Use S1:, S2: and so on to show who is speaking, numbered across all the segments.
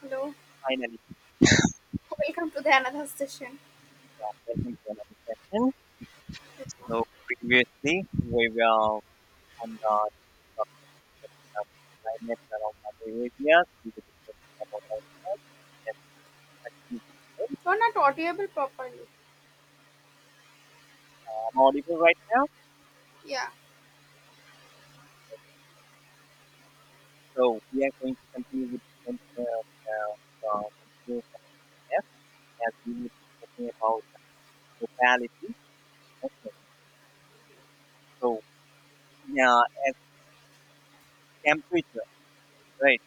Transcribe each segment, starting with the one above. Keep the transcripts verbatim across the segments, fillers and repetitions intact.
S1: Hello,
S2: Finally, we
S1: welcome to the another session.
S2: are welcome to another session. So previously, we were on the topic of discussion of climate around other areas. We were discussing about ourselves and continue with the same.
S1: You are not audible properly.
S2: Uh, I'm audible right now,
S1: Yeah,
S2: so we are going to continue with the same uh, uh, uh, continue from there as we were discussing about locality. Okay. So yeah, as temperature, right?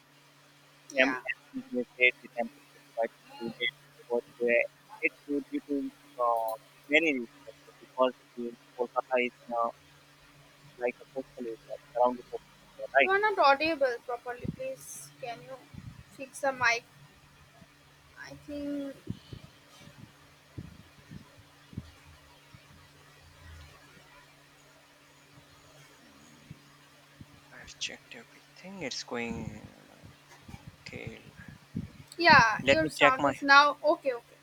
S2: Tem
S1: yeah.
S2: And they said the temperature is quite humid over there. It's due, due to uh, many reasons because the Kolkata is uh, like a coastal area, it's around the coastal area,
S1: You
S2: right?
S1: are not audible properly. Please, can you fix the mic? I think.
S2: I've checked everything. It's going okay.
S1: Yeah,
S2: Let
S1: your
S2: me check
S1: sound
S2: my.
S1: is now okay. Okay,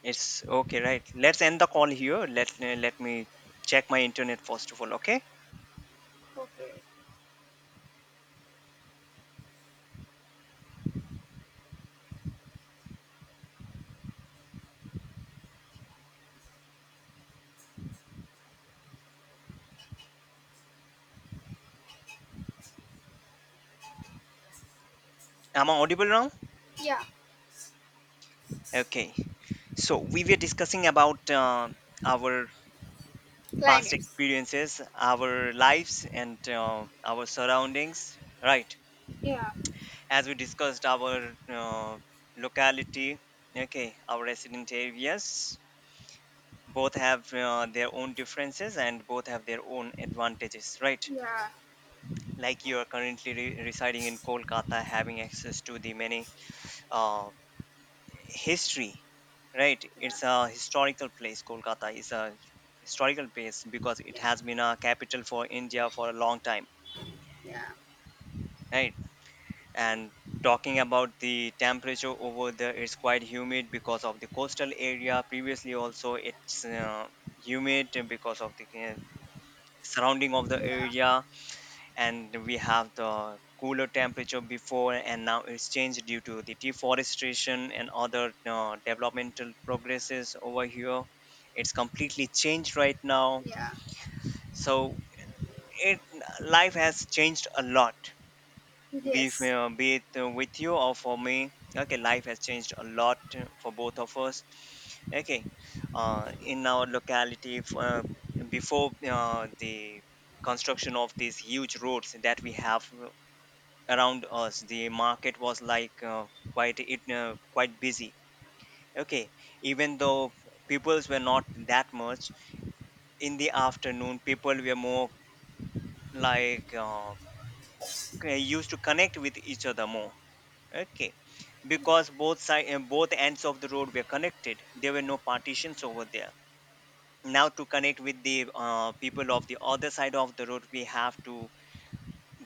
S2: It's okay, right? Let's end the call here. Let let me check my internet first of all. Okay,
S1: okay.
S2: am I audible now?
S1: Yeah,
S2: Okay. So we were discussing about uh, our past
S1: climax.
S2: experiences, our lives, and uh, our surroundings, right?
S1: Yeah,
S2: As we discussed our uh, locality, okay, our resident areas, both have uh, their own differences and both have their own advantages, right?
S1: yeah,
S2: Like you are currently re- residing in Kolkata, having access to the many uh, history, right?
S1: yeah,
S2: It's a historical place. Kolkata is a historical place because it
S1: yeah,
S2: has been a capital for India for a long time,
S1: yeah,
S2: right? And talking about the temperature over there, it's quite humid because of the coastal area, previously also it's uh, humid because of the uh, surrounding of the
S1: yeah,
S2: area, and we have the cooler temperature before and now it's changed due to the deforestation and other uh, developmental progresses over here. It's completely changed right now.
S1: yeah.
S2: So it life has changed a lot, be, f-
S1: Yes,
S2: uh, be it uh, with you or for me. Okay, life has changed a lot uh, for both of us. Okay, uh, in our locality f- uh, before uh, the construction of these huge roads that we have uh, around us, the market was like uh, quite it uh, quite busy. Okay, even though peoples were not that much, in the afternoon people were more like uh, c- used to connect with each other more. Okay, because both side and both ends of the road were connected, there were no partitions over there. Now to connect with the uh, people of the other side of the road, we have to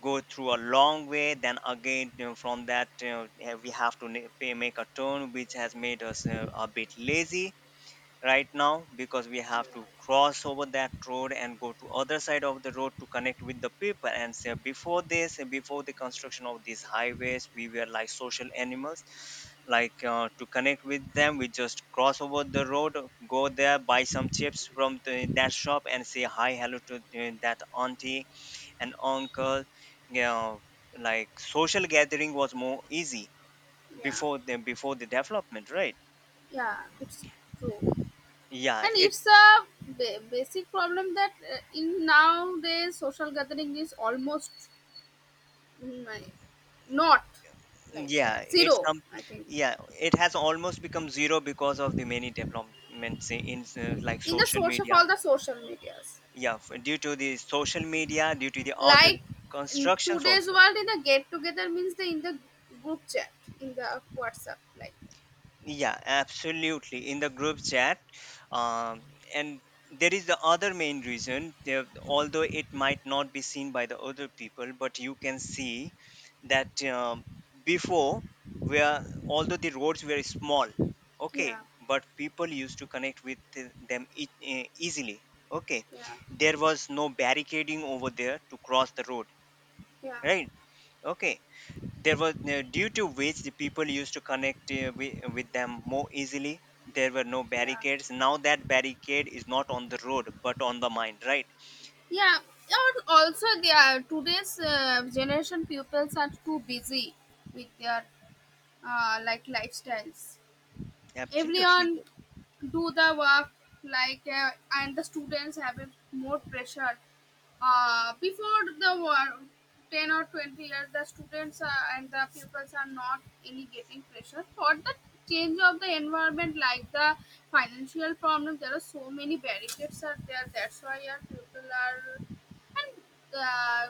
S2: go through a long way, then again you know, from that you know, eh, we have to na- pay- make a turn which has made us uh, a bit lazy right now, because we have to cross over that road and go to other side of the road to connect with the people. And say before this, before the construction of these highways, we were like social animals. Like uh, to connect with them we just cross over the road, go there, buy some chips from the, that shop, and say hi hello to uh, that auntie and uncle, you know. Like social gathering was more easy
S1: yeah,
S2: before the before the development, right?
S1: yeah. It's true,
S2: yeah
S1: and it's a
S2: it's
S1: ba- basic problem that uh, in nowadays social gathering is almost my, not like
S2: yeah
S1: that.
S2: it's
S1: Zero,
S2: com-
S1: I think.
S2: yeah, it has almost become zero because of the many developments i- in uh, like
S1: In the
S2: social
S1: source of
S2: media.
S1: all the social medias.
S2: Yeah f- due to the social media, due to the other
S1: Like in
S2: constructions
S1: today's
S2: also.
S1: world, in the get together means the in the group chat, in the WhatsApp. Like,
S2: Yeah, absolutely. In the group chat, um, and there is the other main reason. There, although it might not be seen by the other people, but you can see that, um, before, where although the roads were small, okay,
S1: yeah,
S2: but people used to connect with the- them e- eh, easily. Okay,
S1: yeah,
S2: there was no barricading over there to cross the road,
S1: yeah,
S2: right? Okay, there was no- due to which the people used to connect uh, with, with them more easily. There were no
S1: yeah.
S2: barricades, now that barricade is not on the road but on the mind, right?
S1: Yeah, or also they are today's uh, generation pupils are too busy with their uh, like lifestyles.
S2: Absolutely.
S1: Everyone do the work like uh, and the students have a more pressure uh, before the war ten or twenty years the students are, and the pupils are not any getting pressure for the change of the environment like the financial problem. There are so many barricades are there, that's why our people are and uh,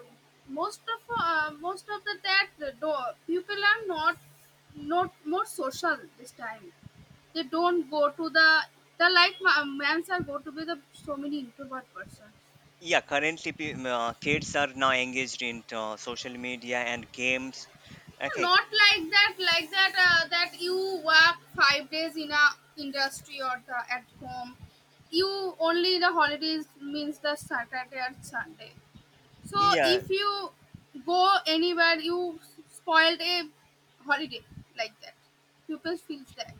S1: most of uh, most of the that the door people are not not more social this time. They don't go to the the like ma- mans are go to be the so many introvert person.
S2: Yeah, currently pe- m- uh, kids are now engaged in uh, social media and games. Okay.
S1: Not like that, like that uh, that you work five days in a industry or the at home. You only the holidays means the Saturday and Sunday. So
S2: Yeah.
S1: if you go anywhere, you spoiled a holiday like that. Pupils feels that.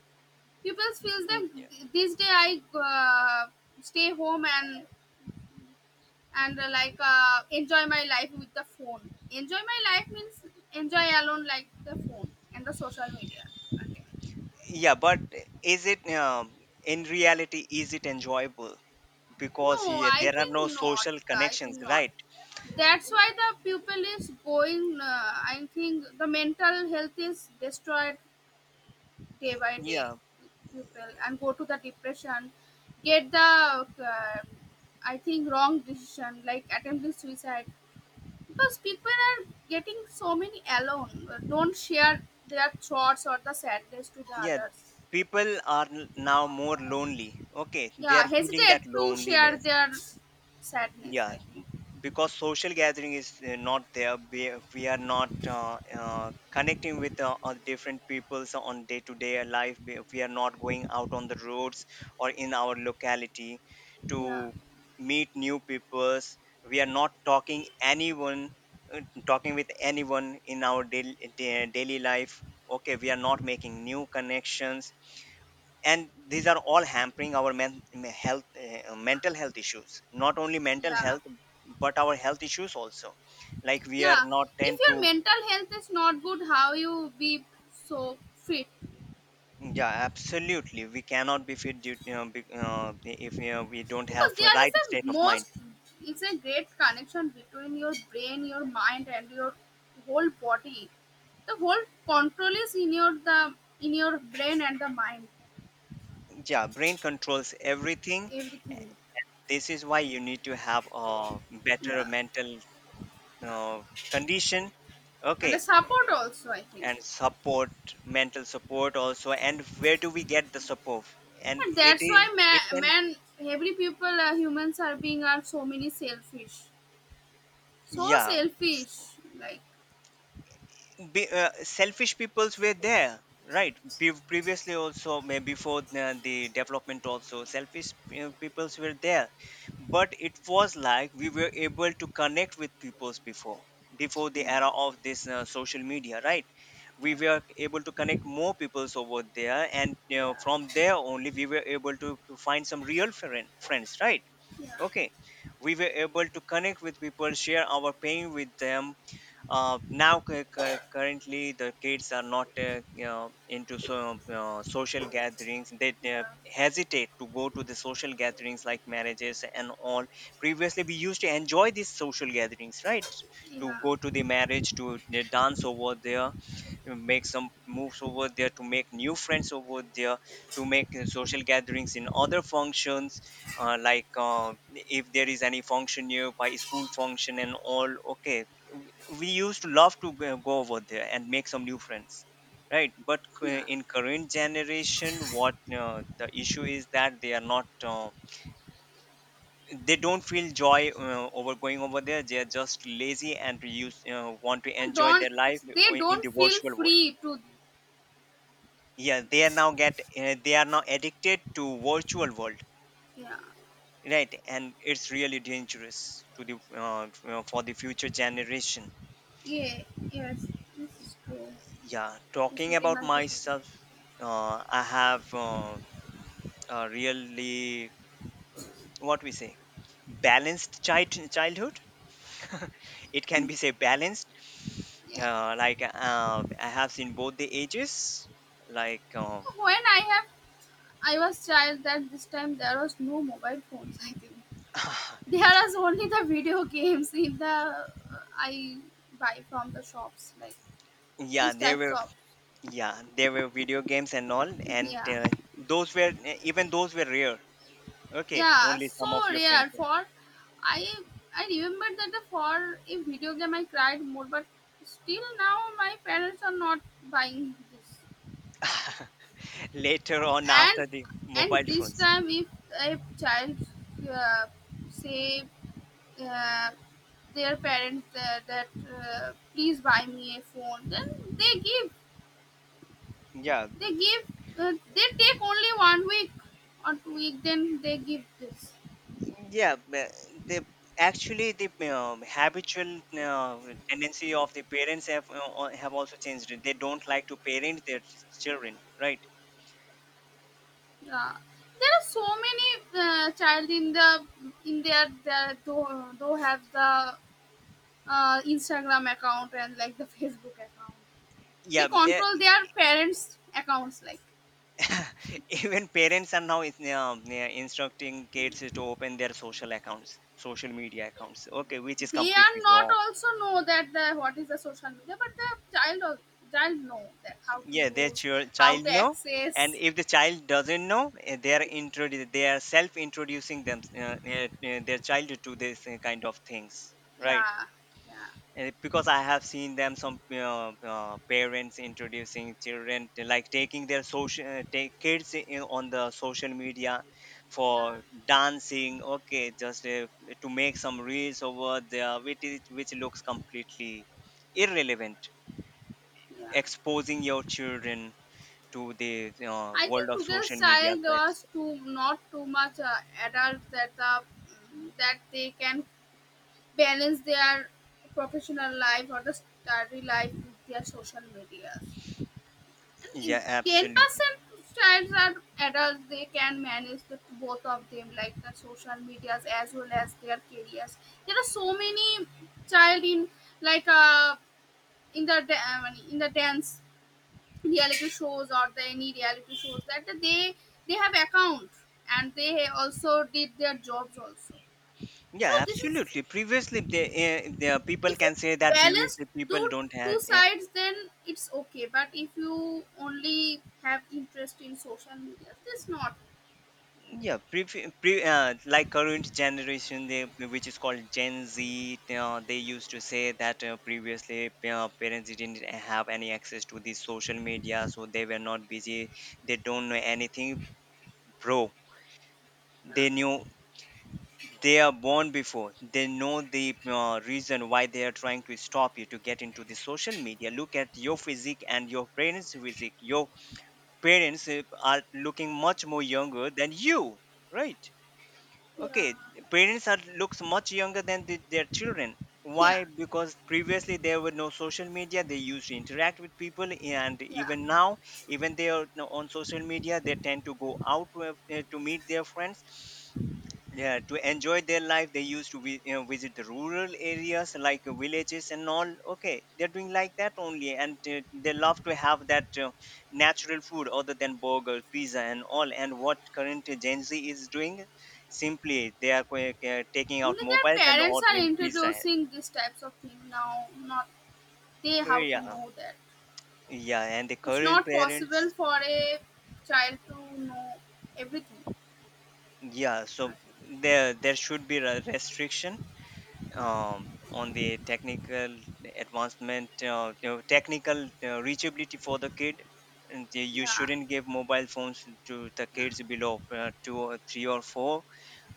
S1: Pupils feels
S2: Mm,
S1: that this day I uh, stay home and and uh, like uh, enjoy my life with the phone. Enjoy my life means enjoy alone like the phone and the social media. Okay.
S2: yeah, but is it, um, in reality is it enjoyable? Because
S1: No,
S2: yeah,
S1: I
S2: there are
S1: think
S2: no
S1: not.
S2: social
S1: I
S2: connections,
S1: think not.
S2: right?
S1: That's why the pupil is going. Uh, I think the mental health is destroyed day by day.
S2: Yeah.
S1: Pupil and go to the depression, get the uh, I think wrong decision like attempting suicide because people are getting so many alone, uh, don't share their thoughts or the sadness to the
S2: Yeah,
S1: others.
S2: people are n- now more lonely. Okay, they
S1: Yeah,
S2: are feeling that
S1: hesitate to share
S2: loneliness.
S1: their sadness,
S2: Yeah,
S1: I think.
S2: because social gathering is uh, not there. We, we are not uh, uh, connecting with uh, uh, different peoples on day to day life. We, we are not going out on the roads or in our locality
S1: Yeah,
S2: to meet new peoples. We are not talking anyone, uh, talking with anyone in our daily, daily life. Okay, we are not making new connections, and these are all hampering our men, me- health uh, mental health issues, not only mental
S1: yeah,
S2: health but our health issues also. Like we are
S1: yeah.
S2: not tend
S1: If your
S2: to.
S1: mental health is not good, how you be so fit?
S2: Yeah absolutely, we cannot be fit due, you know, be, uh, if you know, we don't
S1: Because
S2: have a
S1: there
S2: right
S1: is a
S2: state of mind.
S1: most, it's a great connection between your brain, your mind and your whole body. The whole control is in your the in your brain and the mind.
S2: Yeah, brain controls everything.
S1: Everything.
S2: This is why you need to have a better
S1: Yeah.
S2: mental uh, condition.
S1: And the
S2: Okay.
S1: support also, I think.
S2: And support, mental support also. And where do we get the support? And
S1: And
S2: it
S1: that's
S2: is
S1: why
S2: it
S1: man,
S2: can.
S1: man, every people, uh, humans are being are so many selfish, so
S2: yeah S-
S1: selfish. Like
S2: be, uh, Selfish peoples were there, right? Pe- previously also, maybe before the, the development, also selfish uh, peoples were there. But it was like we were able to connect with peoples before, before the
S1: yeah,
S2: era of this uh, social media, right?
S1: yeah,
S2: We were able to connect more peoples over there, and you know,
S1: yeah,
S2: from there only we were able to, to find some real friend, friends, right?
S1: yeah,
S2: Okay, we were able to connect with people, share our pain with them. Uh, now cu- cu- currently the kids are not, uh, you know, into so uh, social gatherings. They uh,
S1: yeah,
S2: hesitate to go to the social gatherings like marriages and all. Previously we used to enjoy these social gatherings, right? To
S1: yeah,
S2: go to the marriage, to uh, dance over there, you make some moves over there to make new friends over there, to make uh, social gatherings in other functions. Uh, like uh, if there is any function nearby, school function and all, okay, we we used to love to go go over there and make some new friends, right? But uh,
S1: yeah.
S2: in current generation, what uh, the issue is that they are not uh, they don't feel joy uh, over going over there. They are just lazy and use uh, want to
S1: And
S2: enjoy
S1: don't
S2: their life
S1: they
S2: in
S1: don't
S2: the
S1: feel
S2: virtual world.
S1: free to
S2: Yeah, they are now get uh, they are now addicted to virtual world,
S1: yeah,
S2: right? And it's really dangerous to the uh, f- uh, for the future generation.
S1: yeah, yes, it's true.
S2: Yeah,
S1: It's
S2: talking
S1: very
S2: about
S1: much difficult.
S2: myself, uh, I have uh, a really, what we say, balanced child childhood. It can be say balanced.
S1: Yeah.
S2: Uh, like uh, I have seen both the ages, like um.
S1: When I have I was child that this time there was no mobile phones, I think. There are only the video games if the uh, I buy from the shops like
S2: Yeah
S1: these
S2: there
S1: types
S2: were,
S1: of.
S2: yeah there were video games and all, and
S1: Yeah,
S2: uh, those were, even those were rare. Okay,
S1: yeah,
S2: only
S1: so
S2: some of your friends
S1: rare
S2: were.
S1: for I I remember that the for a video game I cried more, but still now my parents are not buying this.
S2: Later on,
S1: and
S2: after the
S1: and
S2: mobile
S1: this
S2: phones,
S1: time if a child, uh, say, uh, their parents uh, that uh, please buy me a phone, then they give.
S2: yeah
S1: They give, uh, they take only one week or two week, then they give this.
S2: yeah ma- the actually the um, habitual uh, tendency of the parents have uh, uh, have also changed. They don't like to parent their ch- children, right?
S1: Yeah. There are so many uh, child in the in their they do have the uh, Instagram account and like the Facebook account. They
S2: Yeah.
S1: control their parents' accounts. Like
S2: Even parents are now is- um, yeah, instructing kids to open their social accounts, social media accounts. Okay, which is
S1: they
S2: completely
S1: are not
S2: wrong.
S1: also know that the what is the social media, but the child al- child know that how to
S2: Yeah, their
S1: use,
S2: chil-
S1: how
S2: child
S1: to
S2: know. And
S1: access.
S2: if the child doesn't know, eh, they are introdu- they are self introducing them, uh, eh, eh, their child to this eh, kind of things, right?
S1: Yeah, yeah,
S2: Uh, because I have seen them, some uh, uh, parents introducing children to, like taking their social uh, take kids in, on the social media,
S1: yeah,
S2: for dancing. Okay, just uh, to make some reels over there which is, which looks completely irrelevant,
S1: yeah.
S2: exposing your children to the uh,
S1: I
S2: world
S1: think
S2: of social
S1: today's
S2: media
S1: child
S2: sites.
S1: was too not too much uh, adult that the that they can balance their professional life or the study life with their social medias. And in
S2: Yeah,
S1: ten
S2: absolutely.
S1: percent childs are adults; they can manage the both of them, like the social medias as well as their careers. There are so many child in like uh in the da- uh, in the dance reality shows or the any reality shows that they they have account and they also did their jobs also. So
S2: Yeah,
S1: this is
S2: absolutely, previously the, uh, the people
S1: if you
S2: can say that
S1: balance
S2: previously people
S1: do
S2: don't have.
S1: two sides, then it's okay, but if you only have interest in social media this not.
S2: Yeah, pre, pre uh, like current generation, they which is called Gen Z. Uh, they used to say that uh, previously uh, parents didn't have any access to the social media, so they were not busy. They don't know anything, bro.
S1: uh,
S2: They knew, they are born before. They know the uh, reason why they are trying to stop you to get into the social media. Look at your physique and your parents' physique. Your parents uh, are looking much more younger than you, right?
S1: yeah,
S2: Okay, parents are looks much younger than the, their children.
S1: yeah,
S2: Why? Because previously there were no social media. They used to interact with people, and
S1: yeah,
S2: even now, even they are now on social media, they tend to go out with- uh, to meet their friends. Yeah, to enjoy their life they used to vi- you know, visit the rural areas like uh, villages and all. Okay, they're doing like that only, and uh, they love to have that uh, natural food other than burger pizza and all. And what current Gen Z is doing, simply they are qu- uh, taking out
S1: only their
S2: mobiles and
S1: parents are
S2: ordering pizza.
S1: introducing these types of thing now, not they how to
S2: Yeah.
S1: know that.
S2: Yeah, and the
S1: It's
S2: current
S1: not possible
S2: parents,
S1: for a child to know everything.
S2: yeah, so there there should be a restriction,
S1: Yeah,
S2: um, on the technical advancement, uh, you know, technical uh, reachability for the kid. And they- you
S1: yeah,
S2: shouldn't give mobile phones to the
S1: yeah,
S2: kids below uh, two or three or four.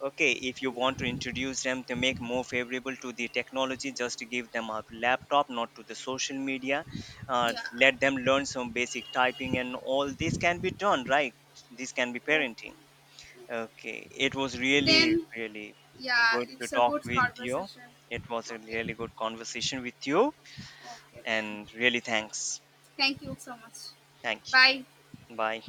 S2: Okay, if you
S1: yeah,
S2: want to introduce them to make more favorable to the technology, just give them a laptop, not to the social media. Uh,
S1: yeah.
S2: let them learn some basic typing and all this can be done, right? This can be
S1: Oh,
S2: parenting. Okay, it was really,
S1: then
S2: really
S1: yeah,
S2: good to
S1: it's a
S2: talk
S1: good
S2: with you.
S1: conversation.
S2: It was a
S1: Okay,
S2: really good conversation with you,
S1: okay, then
S2: and really thanks.
S1: thank you so much.
S2: Thank
S1: Bye.
S2: you. Bye.